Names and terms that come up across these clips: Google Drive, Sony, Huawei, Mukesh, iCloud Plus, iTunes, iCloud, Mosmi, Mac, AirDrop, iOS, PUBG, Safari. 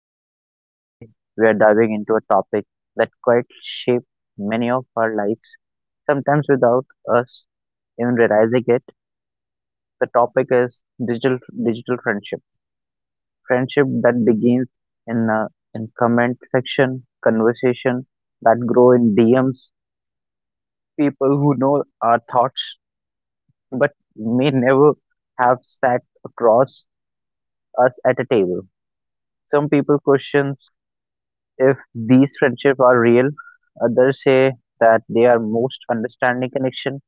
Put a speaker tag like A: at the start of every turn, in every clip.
A: Mukesh and today we are diving into a topic that quite shapes many of our lives, sometimes without us even realizing it. The topic is digital digital friendship. Friendship that begins in comment section, conversation that grow in DMs, people who know our thoughts but may never have sat across us at a table. Some people questions If these friendships are real, others say that they are most understanding connection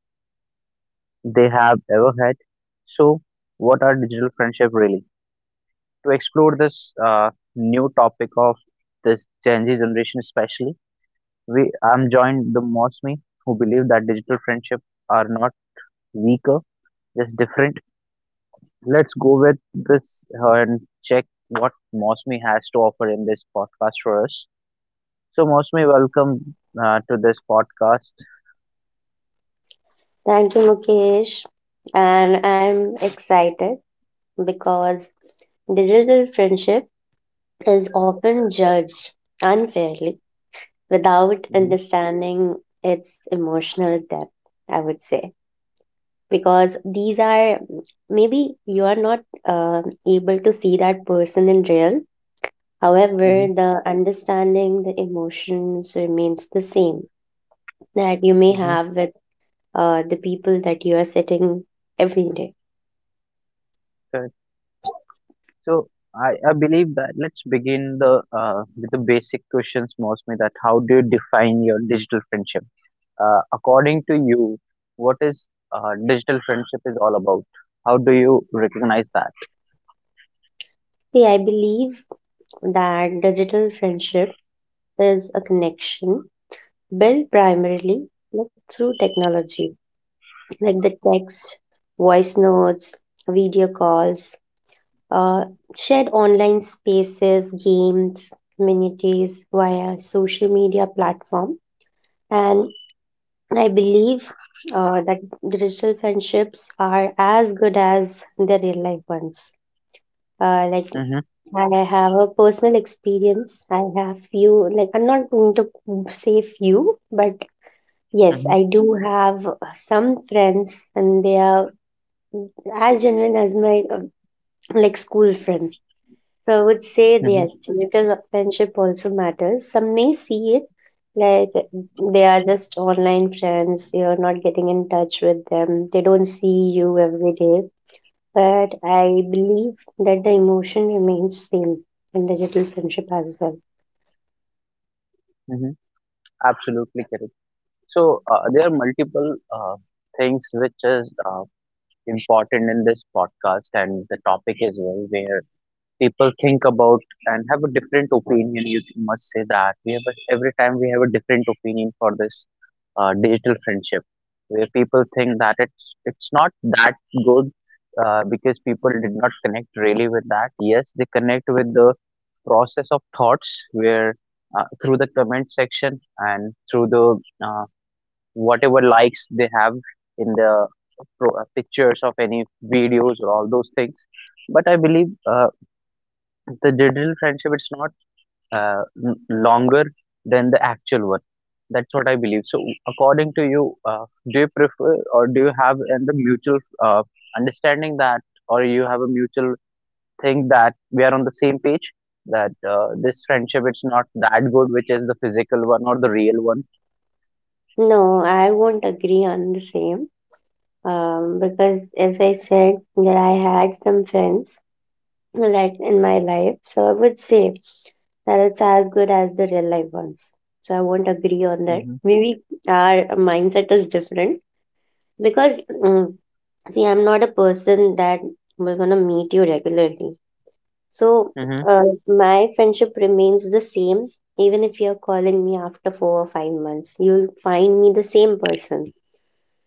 A: they have ever had. So, what are digital friendship really? To explore this new topic of this Gen Z generation, especially, we I'm joined the Mosmi who believe that digital friendship are not weaker, just different. Let's go with this and check what Mosmi has to offer in this podcast for us. So, Mosmi, welcome to this podcast.
B: Thank you, Mukesh. And I'm excited because digital friendship is often judged unfairly without
A: Mhm,
B: understanding its emotional depth, I would say. Because these are maybe you are not uh, able to see that person in real.
A: mhm,
B: However, the understanding, the emotions remains the same that you may
A: mhm,
B: have with the people that you are sitting every day.
A: correct. So I believe that let's begin the with the basic questions, mostly that how do you define your digital friendship? According to you, what is digital friendship is all about? How do you recognize that?
B: See, I believe that digital friendship is a connection built primarily like through technology, like the text, voice notes, video calls, uh, shared online spaces, games, communities via social media platform. And I believe that digital friendships are as good as their real life ones. Like
A: Mm-hmm,
B: I have a personal experience. I have few, like I'm not going to say few, but yes,
A: mm-hmm,
B: I do have some friends, and they are as genuine as my like school friends. So I would say yes,
A: mm-hmm,
B: digital friendship also matters. Some may see it like they are just online friends, you're not getting in touch with them, they don't see you every day. But I believe that the emotion remains same in digital friendship as well.
A: mm-hmm. Absolutely correct. So there are multiple things which is important in this podcast and the topic as well, where people think about and have a different opinion. You must say that we have a, every time we have a different opinion for this digital friendship, where people think that it's not that good because people did not connect really with that. Yes, they connect with the process of thoughts where through the comment section and through the uh, whatever likes they have in the pictures of any videos or all those things but I believe the digital friendship it's not longer than the actual one. That's what I believe. So, according to you, do you prefer or do you have in the mutual uh, understanding that, or you have a mutual thing that we are on the same page that this friendship it's not that good, which is the physical one or the real one?
B: No, I won't agree on the same. Because as I said that I had some friends like in my life. So I would say and it's as good as the real life ones. So I won't agree on that.
A: Mm-hmm.
B: Maybe our mindset is different because, see, I'm not a person that we're gonna meet you regularly. So
A: Mm-hmm.
B: my friendship remains the same even if you're calling me after 4 or 5 months. You'll find me the same person.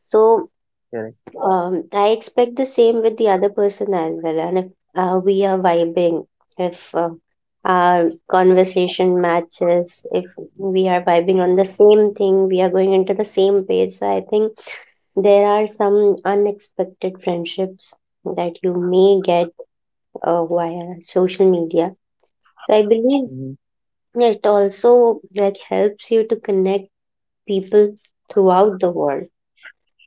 B: So
A: Correct.
B: I expect the same with the other person as well. And if we are vibing, if our conversation matches, if we are vibing on the same thing, we are going into the same page. So I think there are some unexpected friendships that you may get via social media. So I believe
A: Mm-hmm.
B: it also like helps you to connect people throughout the world,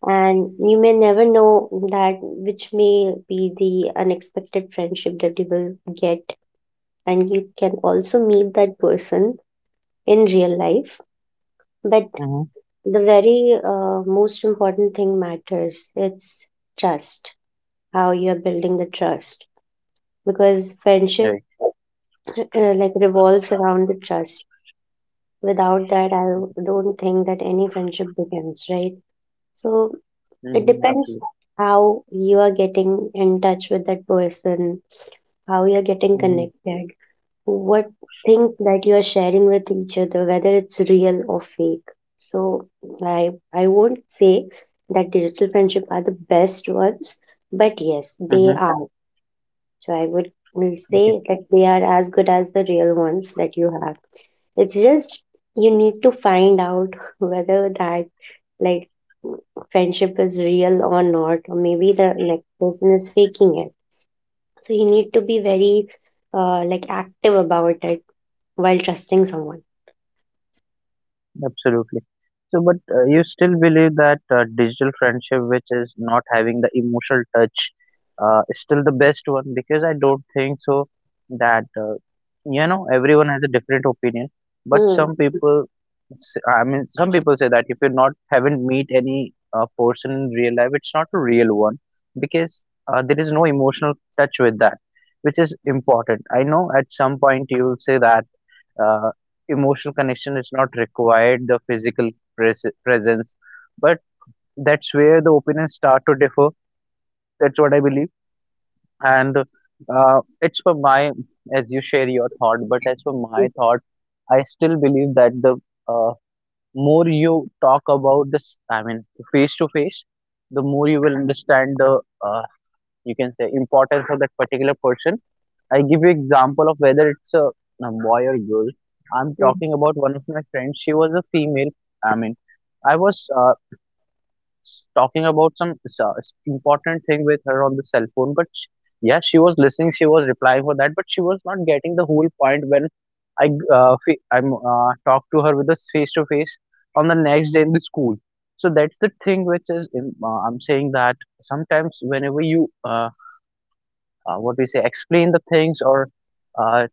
B: and you may never know that which may be the unexpected friendship that you will get, and you can also meet that person in real life. But
A: Mm-hmm.
B: the very most important thing matters it's trust, how you are building the trust, because friendship
A: Right.
B: like revolves around the trust. Without that, I don't think that any friendship begins, right? So it
A: Mm-hmm.
B: depends
A: Absolutely.
B: how you are getting in touch with that person, how you're getting
A: Mm-hmm.
B: connected, what things that you are sharing with each other, whether it's real or fake. So I won't say that digital friendship are the best ones, but yes, they
A: Mm-hmm.
B: are. So I would will
A: Okay.
B: say that they are as good as the real ones that you have. It's just you need to find out whether that like friendship is real or not, or maybe the next person is faking it, so you need to be very like active about it while trusting someone.
A: Absolutely. So, but you still believe that digital friendship, which is not having the emotional touch, is still the best one because I don't think so that you know everyone has a different opinion. But
B: Hmm.
A: some people, I mean, some people say that if you're not haven't meet any person in real life, it's not a real one because there is no emotional touch with that, which is important. I know at some point you will say that uh, emotional connection is not required the physical presence but that's where the opinions start to differ. That's what I believe, and it's for my, as you share your thought, but as for
B: Mm,
A: my thought I still believe that the uh, more you talk about this, I mean face to face, the more you will understand the uh, you can say importance of that particular person. I give you example of whether it's a boy or girl. I'm
B: mm,
A: talking about one of my friends. She was a female. I mean, I was talking about some important thing with her on the cell phone, but sh yeah, she was listening. She was replying for that, but she was not getting the whole point when I g- fe- I'm talked to her with a face to face on the next day in the school. So that's the thing which is I'm saying that sometimes whenever you uh, what we say explain the things or uh,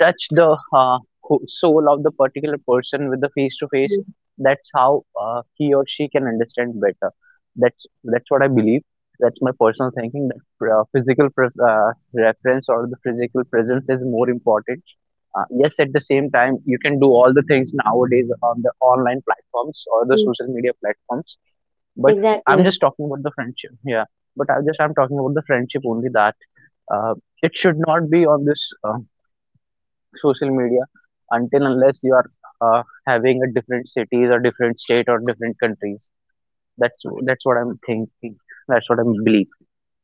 A: touch the soul of the particular person with the face to face,
B: mm,
A: that's how he or she can understand better. that's that's what I believe. That's my personal thinking that physical pre- reference or the physical presence is more important. Yes, at the same time you can do all the things nowadays on the online platforms or the
B: mm.
A: social media platforms, but I'm
B: Exactly.
A: just talking about the friendship. Yeah, but I'm talking about the friendship only, that uh, it should not be on this social media until unless you are having a different cities or different state or different countries. That's what I'm thinking. That's what I believe.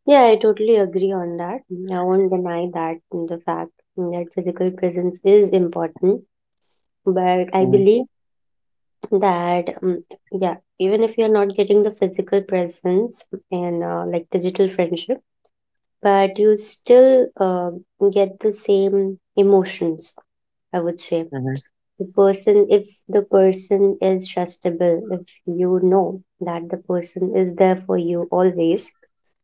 B: Yeah, I totally agree on that. I won't deny that the fact that physical presence is important, but I
A: Mhm,
B: believe that yeah, even if you're not getting the physical presence and like digital friendship, but you still get the same emotions, I would say.
A: mhm,
B: The person, if the person is trustable, if you know that the person is there for you always,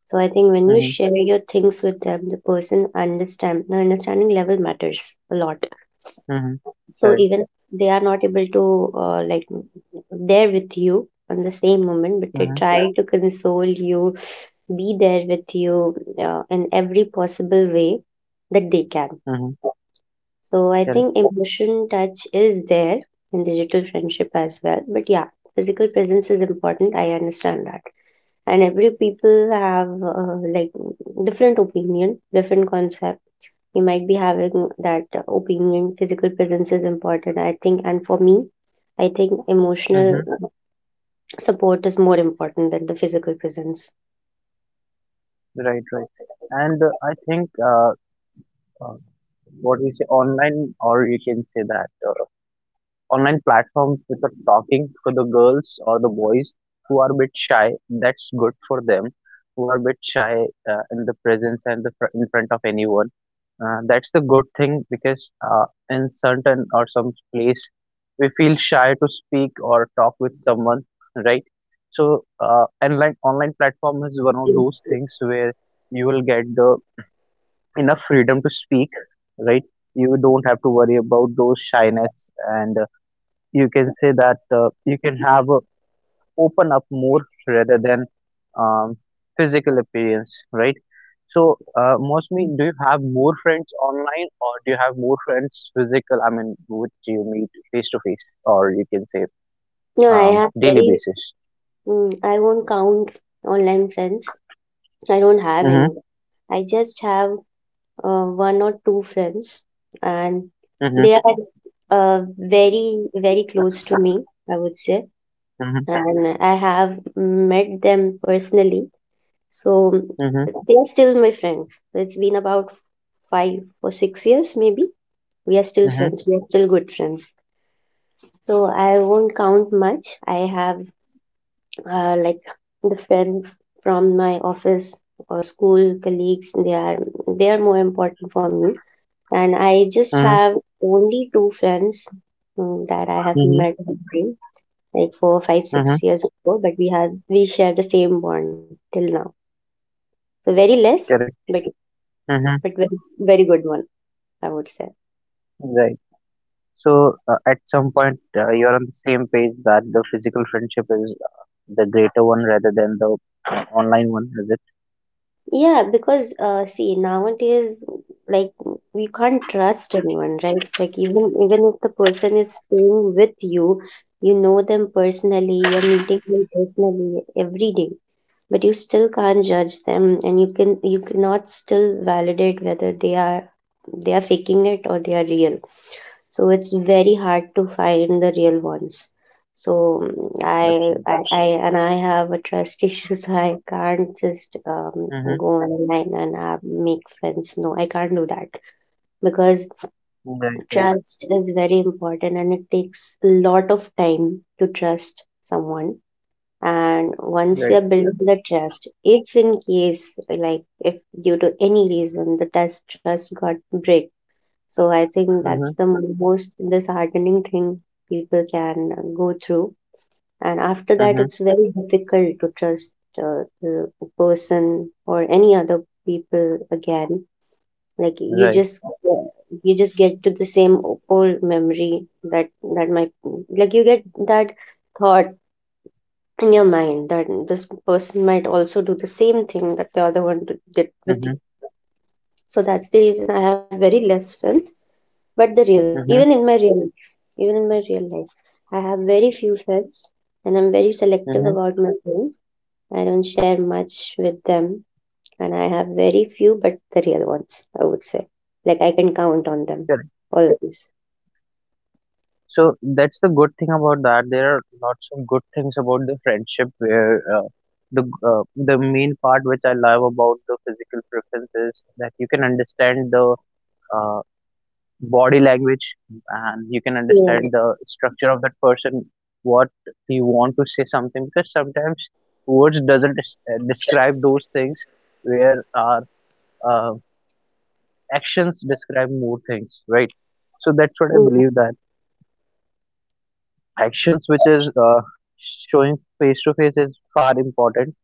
B: so I think when you
A: mhm,
B: share your things with them, the person understand, the understanding level matters a lot.
A: mhm.
B: So
A: Correct.
B: even if they are not able to like there with you on the same moment, but they
A: Mhm,
B: try to console you, be there with you in every possible way that they can.
A: mhm,
B: So I
A: Correct.
B: think emotion touch is there in digital friendship as well. But yeah, physical presence is important. I understand that. And every people have like different opinion, different concept. You might be having that opinion. Physical presence is important, I think. And for me, I think emotional
A: Mhm.
B: support is more important than the physical presence.
A: Right, right. And I think uh, what we say online, or you can say that online platforms which are talking for the girls or the boys who are a bit shy. That's good for them, who are a bit shy in the presence and the in front of anyone. That's the good thing because in certain or some place we feel shy to speak or talk with someone, right? So, online platform is one of
B: Mm.
A: those things where you will get the enough freedom to speak, right? You don't have to worry about those shyness and you can say that you can have a open up more rather than um, physical appearance, right? So, mostly, do you have more friends online or do you have more friends physical? I mean, which you meet face to face or you can say
B: No, I have
A: daily
B: very,
A: basis?
B: I won't count online friends. I don't have
A: Mm-hmm,
B: any. I just have one or two friends, and
A: mm-hmm,
B: they are very, very close to me, I would say.
A: mm-hmm,
B: And I have met them personally. So
A: mm-hmm,
B: they are still my friends. It's been about 5 or 6 years, maybe. We are still
A: mm-hmm,
B: friends, we are still good friends. So I won't count much. I have like the friends from my office or school colleagues. They are, they are more important for me, and I just
A: mm-hmm,
B: have only two friends, that I have met
A: mm-hmm,
B: at the time, like four five six
A: mm-hmm.
B: years ago, but we have, we share the same bond till now. So very less,
A: Correct.
B: but
A: Mm-hmm,
B: but very, very good one, I would say.
A: right. So at some point, you're on the same page that the physical friendship is the greater one rather than the online one, is it?
B: Yeah, because see, nowadays, like we can't trust anyone, right? Like even if the person is staying with you, you know them personally, you're meeting them personally every day, but you still can't judge them and you can, you cannot still validate whether they are, they are faking it or they are real. So it's very hard to find the real ones. So mm, I,
A: Absolutely.
B: I and I have a trust issues. I can't just
A: Mm-hmm.
B: go online and have, make friends. No, I can't do that because
A: Right, right,
B: trust is very important and it takes a lot of time to trust someone. And once
A: right.
B: you're building the trust, if in case like if due to any reason the test trust got break, so I think that's
A: Mm-hmm.
B: the most disheartening thing people can go through, and after that
A: Mm-hmm.
B: it's very difficult to trust the person or any other people again. Like you
A: Right.
B: just, you just get to the same old memory that that might, like you get that thought in your mind that this person might also do the same thing that the other one did with you.
A: Mm-hmm.
B: So that's the reason I have very less friends, but the real ones. Even
A: Mm-hmm.
B: in my real life, even in my real life, I have very few friends and I'm very selective
A: Mm-hmm.
B: about my friends. I don't share much with them and I have very few, but the real ones, I would say. Like I can count on them
A: Correct.
B: always.
A: So that's the good thing about that. There are lots of good things about the friendship where the main part which I love about the physical preference is that you can understand the uh, body language and you can
B: Yeah.
A: understand the structure of that person, what he want to say something, because sometimes words doesn't describe those things where our uh, actions describe more things, right? So that's what I
B: Mm,
A: believe, that actions which is showing face to face is far important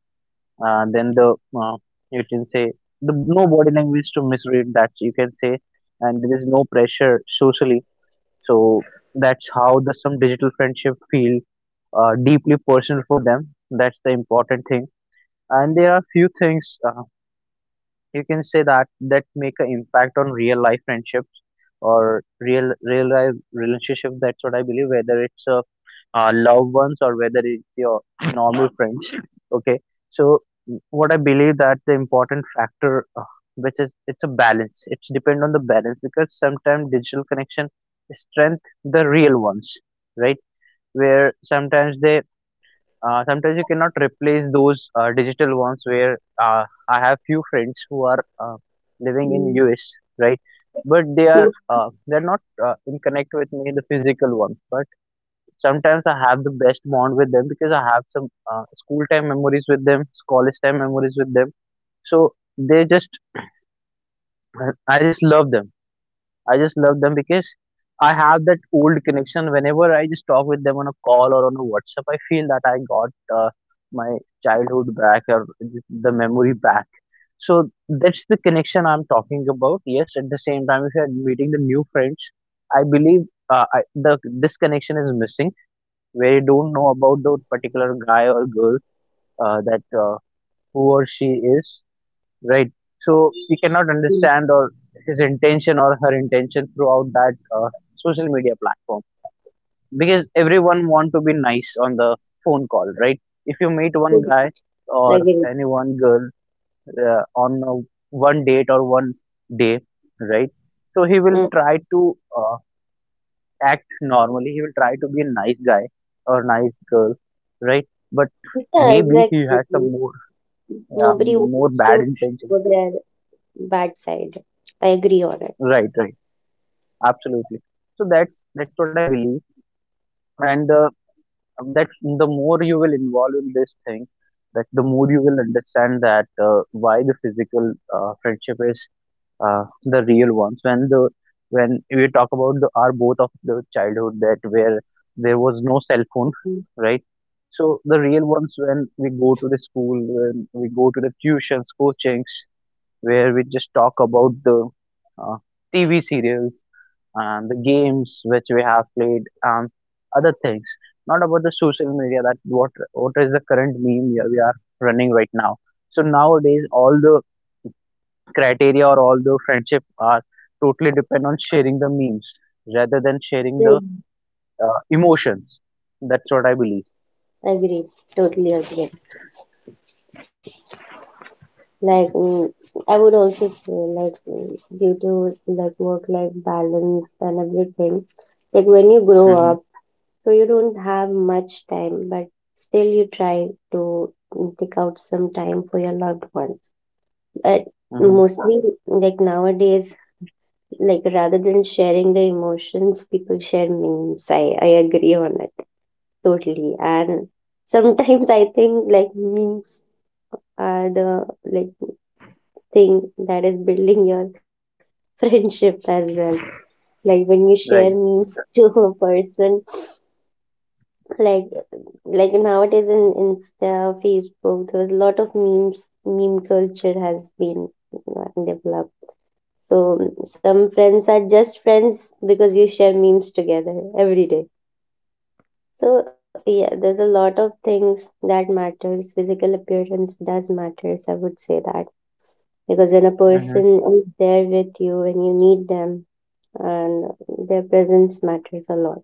A: than the uh, you can say the no body language to misread, that you can say, and there is no pressure socially. So that's how the some digital friendship feel deeply personal for them. That's the important thing. And there are few things. You can say that that make an impact on real life friendships or real life relationship, that's what I believe, whether it's a loved ones or whether it's your normal friends. Okay, so what I believe that the important factor uh, which is it's a balance, it's depend on the balance, because sometimes digital connection strength the real ones, right? Where sometimes they
B: yeah.
A: sometimes you cannot replace those digital ones, where I have few friends who are living in
B: Mm,
A: US, right? But
B: mm,
A: they're not in connect with me in the physical one. But sometimes I have the best bond with them because I have some school time memories with them, college time memories with them. So they just I just love them. I just love them because I have that old connection. Whenever I just talk with them on a call or on a WhatsApp, I feel that I got my childhood back or the memory back. So that's the connection I'm talking about. Yes, at the same time, if you're meeting the new friends, I believe the this connection is missing, where you don't know about the particular guy or girl that who or she is, right? So we cannot
B: mm,
A: understand or his intention or her intention throughout that social media platform, because everyone want to be nice on the phone call, right? If you meet
B: mm.
A: one guy
B: I
A: or
B: get it.
A: any one girl on a one date or one day, right? So he will
B: Mm.
A: try to act normally. He will try to be a nice guy or nice girl, right? But
B: Yeah,
A: maybe he has some
B: exactly. Nobody
A: more
B: wants
A: bad
B: to show
A: intentions,
B: their bad side. I agree on it.
A: right? Right. Absolutely. So that's what I believe, and that the more you will involve in this thing, that the more you will understand that why the physical friendship is the real ones. When the when we talk about the our both of the childhood that where there was no cell phone, right? So the real ones, when we go to the school, when we go to the tuitions, coachings, where we just talk about the uh, TV serials and the games which we have played and other things, not about the social media, that what is the current meme we are running right now. So nowadays all the criteria or all the friendship are totally depend on sharing the memes rather than sharing the
B: Mm,
A: emotions, that's what I believe.
B: Agree, totally agree. Like, I would also say, like, due to like work-life balance and everything, like when you grow
A: Mm-hmm.
B: up, so you don't have much time, but still you try to take out some time for your loved ones. But
A: Mm-hmm.
B: mostly, like nowadays, like rather than sharing the emotions, people share memes. I agree on it totally, and sometimes I think like memes are the like thing that is building your friendship as well. Like when you share
A: Right.
B: memes to a person, like like nowadays in insta, facebook, there was a lot of memes. Meme culture has been developed. So some friends are just friends because you share memes together every day. So yeah, there's a lot of things that matters. Physical appearance does matters, I would say. That because when a
A: Mm-hmm.
B: person is there with you and you need them, and their presence matters a lot.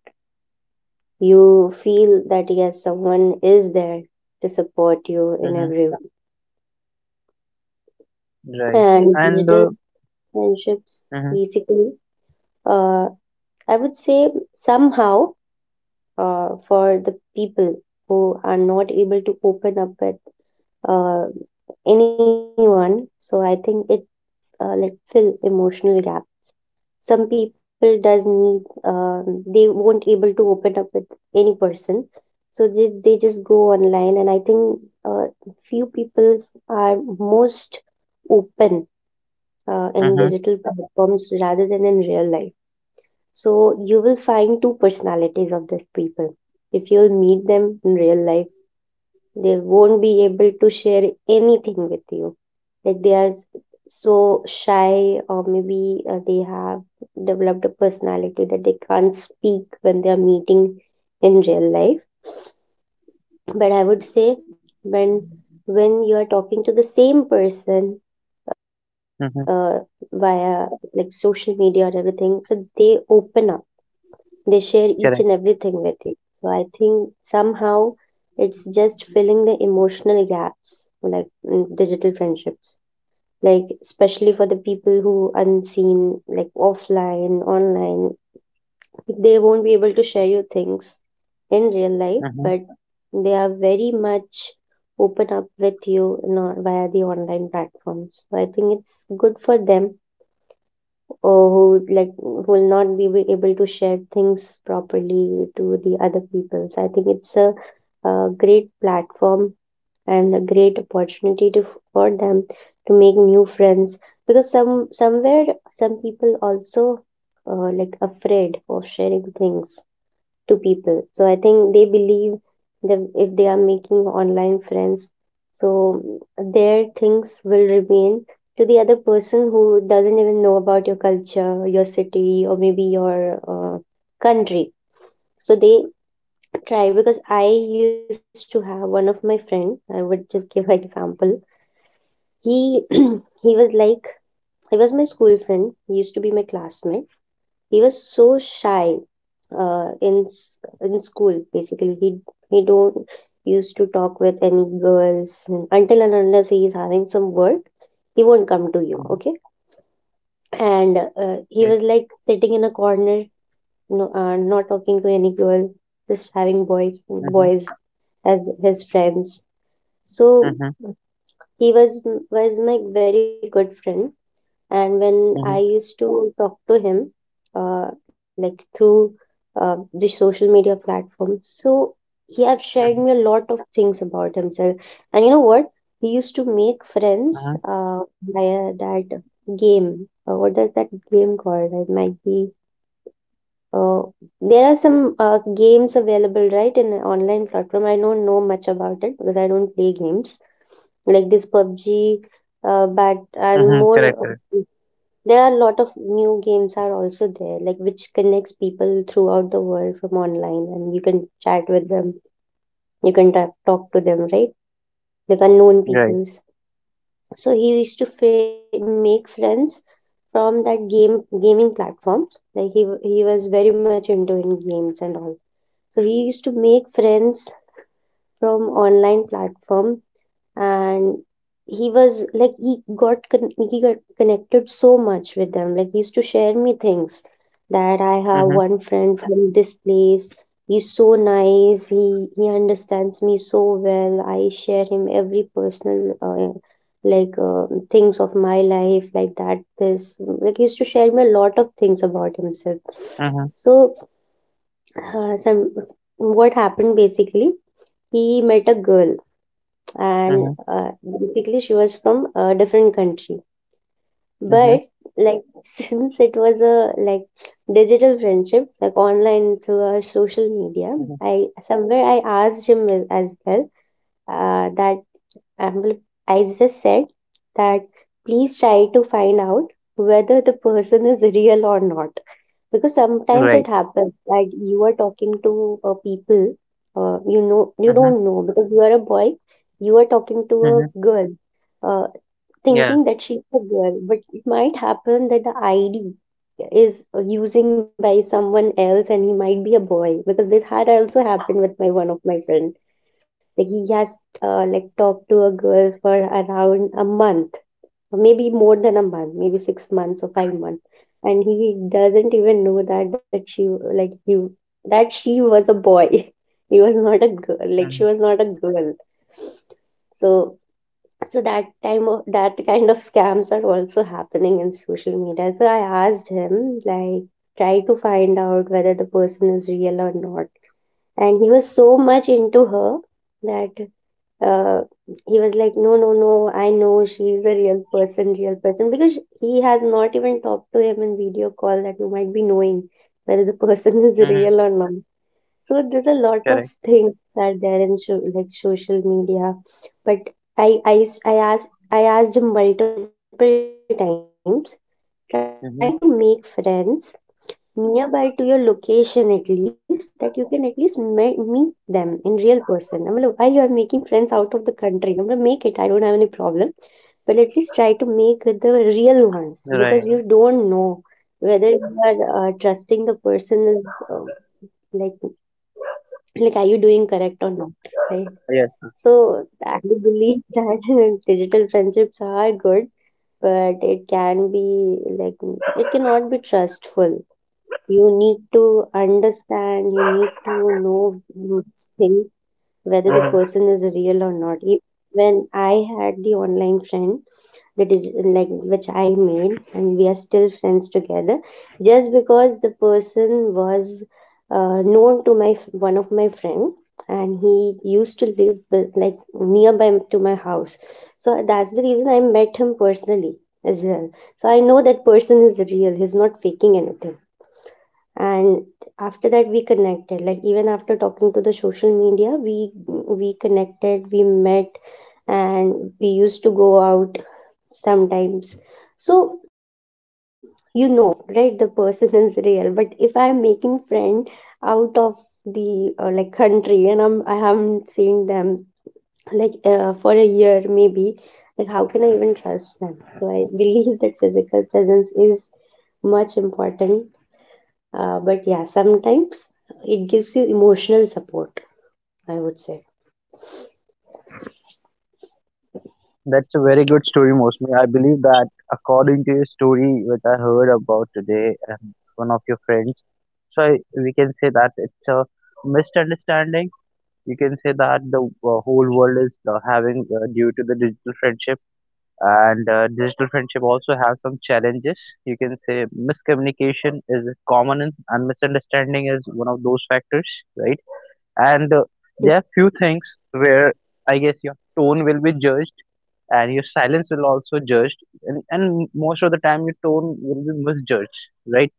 B: You feel that yes, someone is there to support you in
A: Mm-hmm.
B: every way.
A: Right.
B: And
A: And
B: digital friendships,
A: Mm-hmm.
B: basically, uh, I would say somehow, for the people who are not able to open up with uh, anyone. So I think it like fill emotional gap. Some people does need, they won't able to open up with any person, so they just go online. And I think uh, few people are most open in
A: Mm-hmm.
B: digital platforms rather than in real life. So you will find two personalities of these people. If you'll meet them in real life, they won't be able to share anything with you. Like they are so shy, or maybe they have developed a personality that they can't speak when they are meeting in real life. But I would say when when you are talking to the same person uh,
A: Mm-hmm.
B: via social media or everything, so they open up, they share each and everything
A: Correct.
B: with you. So I think somehow it's just filling the emotional gaps, like in digital friendships, like especially for the people who unseen, like offline, online, they won't be able to share you things in real life,
A: Mm-hmm.
B: but they are very much open up with you in, via the online platforms. So I think it's good for them, or who would like who will not be able to share things properly to the other people. So I think it's a, great platform and a great opportunity to for them to make new friends because some people also like afraid of sharing things to people. So I think they believe that if they are making online friends, so their things will remain to the other person who doesn't even know about your culture, your city, or maybe your uh, country. So they try, because I used to have one of my friend. I would just give an example. He he was like, he was my school friend. He used to be my classmate, he was so shy uh, in s- in school. Basically, he don't used to talk with any girls, and until and unless he is having some work, he won't come to you. Okay,
A: Mm.
B: and he was like sitting in a corner, no, not talking to any girl, just having boys
A: Mm-hmm.
B: as his friends. So he was my very good friend. And when I
A: Mm-hmm.
B: used to talk to him, like through the social media platform, so he have shared
A: Mm-hmm.
B: me a lot of things about himself. And you know what? He used to make friends
A: Mm-hmm.
B: via that game. What is that game called? It might be. Uh, there are some games available, right, in an online platform. I don't know much about it because I don't play games like this PUBG, but and
A: Mm-hmm. Correct,
B: more,
A: correct.
B: there are a lot of new games are also there, like which connects people throughout the world from online, and you can chat with them, you can talk to them, right? Like unknown
A: Right.
B: peoples. So he used to make friends from that game gaming platforms. Like he was very much into in games and all. So he used to make friends from online platform, and he was like, he got connected so much with them, like he used to share me things that I have
A: Mhm,
B: one friend from this place, he's so nice, he understands me so well, I share him every personal like things of my life, like that this like he used to share me a lot of things about himself.
A: mhm,
B: So some what happened basically, he met a girl, and
A: mhm,
B: basically, she was from a different country,
A: mhm,
B: but like since it was a like digital friendship, like online through our social media,
A: mhm.
B: I asked him as well, that and, well, I just said that please try to find out whether the person is real or not. Because sometimes it
A: Right.
B: happens that you are talking to people, you
A: Mhm,
B: don't know, because you are a boy, you are talking to
A: mhm.
B: a girl, uh,
A: Yeah.
B: thinking that she's a girl, but it might happen that the ID is using by someone else and he might be a boy, because this had also happened with my one of my friend, like he has like talked to a girl for around a month, or maybe more than a month, maybe 6 months or 5 months, and he doesn't even know that she was a boy. He was not a girl. Like she
A: Mhm,
B: was not a girl. So so that time of that kind of scams are also happening in social media. So I asked him, like, try to find out whether the person is real or not, and he was so much into her that uh, he was like, no no no, I know she's a real person, real person, because he has not even talked to him in video call, that you might be knowing whether the person is
A: mhm.
B: real or not. So there's a lot of
A: Correct.
B: things that there in, so, like, social media, but I asked him multiple times, try to make
A: Mhm.
B: friends nearby to your location, at least that you can at least meet them in real person. I mean, why you are making friends out of the country? I mean, make it, I don't have any problem, but at least try to make the real ones,
A: Right.
B: because you don't know whether you are trusting the person, is like like are you doing correct or not, right?
A: Yes.
B: So I believe that digital friendships are good, but it can be, like, it cannot be trustful. You need to understand, you need to know much things, whether the
A: Mhm.
B: person is real or not. When I had the online friend, that is, like, which I made, and we are still friends together, just because the person was known to one of my friend, and he used to live like nearby to my house, so that's the reason I met him personally as well. So I know that person is real, he's not faking anything. And after that, we connected, like, even after talking to the social media, we connected, we met, and we used to go out sometimes. So you know, right, the person is real. But if I am making friend out of the like country, and I haven't seen them, like for a year maybe, like how can I even trust them? So I believe that physical presence is much important, but yeah, sometimes it gives you emotional support, I would say.
A: That's a very good story, Mosmi. I believe that, according to your story, which I heard about today, and one of your friends, so I, we can say that it's a misunderstanding. You can say that the whole world is having, due to the digital friendship. And digital friendship also have some challenges. You can say miscommunication is common, and misunderstanding is one of those factors, right? And there are few things where I guess your tone will be judged, and your silence will also judged, and most of the time your tone will be misjudged, right?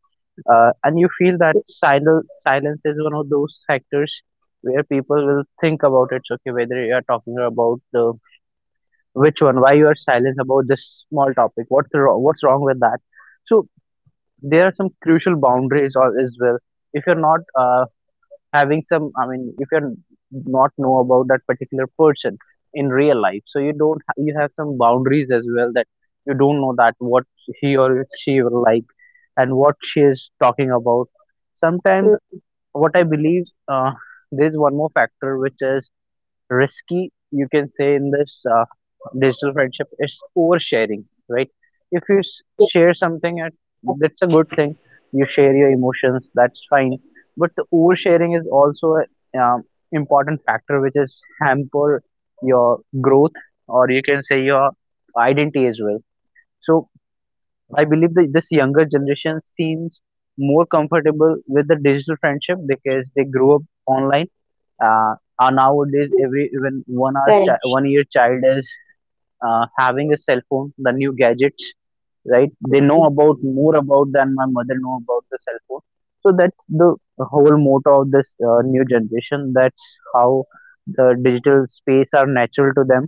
A: And you feel that silence is one of those factors where people will think about it, okay, whether you are talking about the which one? Why you are silent about this small topic? What's wrong? What's wrong with that? So there are some crucial boundaries or as well. If you're not having some, I mean, if you're not know about that particular person in real life, so you don't you have some boundaries as well, that you don't know that what he or she will like and what she is talking about. Sometimes
B: Mm,
A: what I believe, uh, there's one more factor which is risky, you can say, in this digital friendship is oversharing, right? If you share
B: yeah.
A: something at, that's a good thing. You share your emotions, that's fine, but the oversharing is also an important factor which is hamper your growth, or you can say your identity as well. So I believe that this younger generation seems more comfortable with the digital friendship because they grew up online. Uh, and nowadays, every even 1 year
B: Correct.
A: child is having a cell phone, the new gadgets, right? They know about more about than my mother know about the cell phone. So that's the whole motto of this new generation. That's how the digital space are natural to them,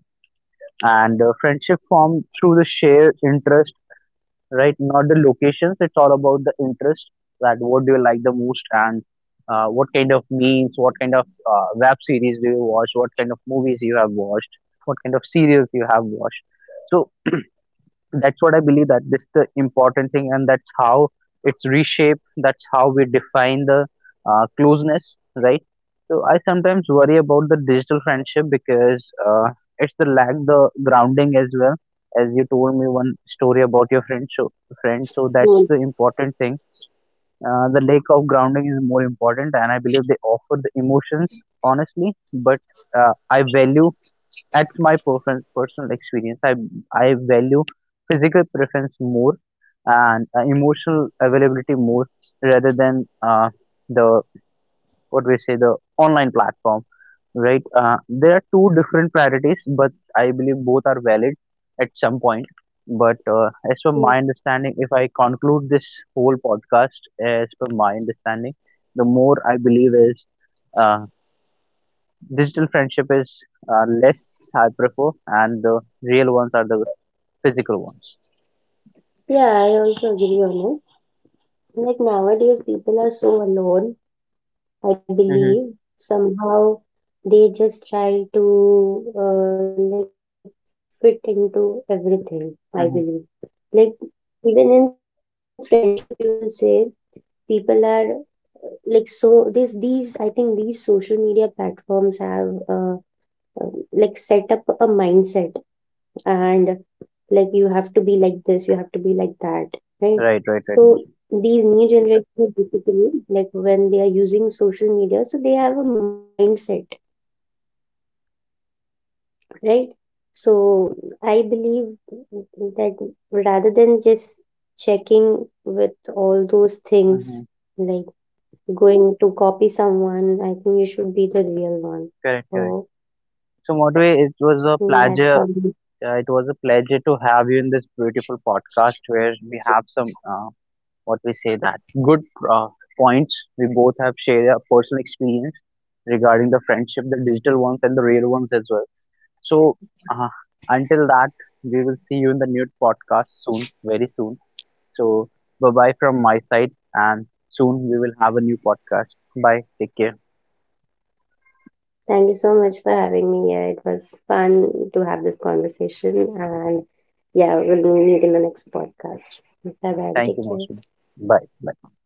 A: and friendship formed through the shared interest, right? Not the locations. It's all about the interest, that what do you like the most, and what kind of memes, what kind of web series do you watch, what kind of movies you have watched, what kind of serials you have watched. So that's what I believe, that this the important thing, and that's how it's reshaped. That's how we define the closeness, right? So I sometimes worry about the digital friendship because it's the lack the grounding as well. As you told me one story about your friend, so that's the
B: Mm.
A: important thing. The lack of grounding is more important, and I believe they offer the emotions honestly, but I value, that's my preference, personal experience. I value physical preference more, and emotional availability more, rather than the what we say the online platform, right? There are two different priorities, but I believe both are valid at some point. But as per my
B: Mm.
A: understanding, if I conclude this whole podcast, as per my understanding, the more I believe is. Uh, Digital friendship is less, I prefer, and the real ones are the physical ones.
B: Yeah, I also agree on it. Like nowadays, people are so alone, I believe
A: Mm-hmm.
B: somehow, they just try to like fit into everything. I
A: Mm-hmm.
B: believe, like, even in friendship, you will say people are like so this these, I think these social media platforms have like set up a mindset, and like, you have to be like this, you have to be like that, right?
A: Right, right, right,
B: So
A: Mostly.
B: these new generation basically, like when they are using social media, so they have a mindset, right? So I believe that rather than just checking with all those
A: Mm-hmm.
B: things, like going to copy someone, I think you should be the real
A: Correct,
B: one.
A: correct.
B: So,
A: So, Modway, it was a pleasure.
B: mm, that's how.
A: It was a pleasure to have you in this beautiful podcast where we have some, what we say that good uh, points. We both have shared our personal experience regarding the friendship, the digital ones and the real ones as well. So, uh, until that, we will see you in the new podcast soon, very soon. So, bye bye from my side, and soon we will have a new podcast. Bye. Take care.
B: Thank you so much for having me here. It was fun to have this conversation, and yeah, we'll meet in the next
A: Thank you,
B: podcast.
A: Mosmi.
B: Bye
A: Bye.
B: bye. Take
A: Bye.
B: care.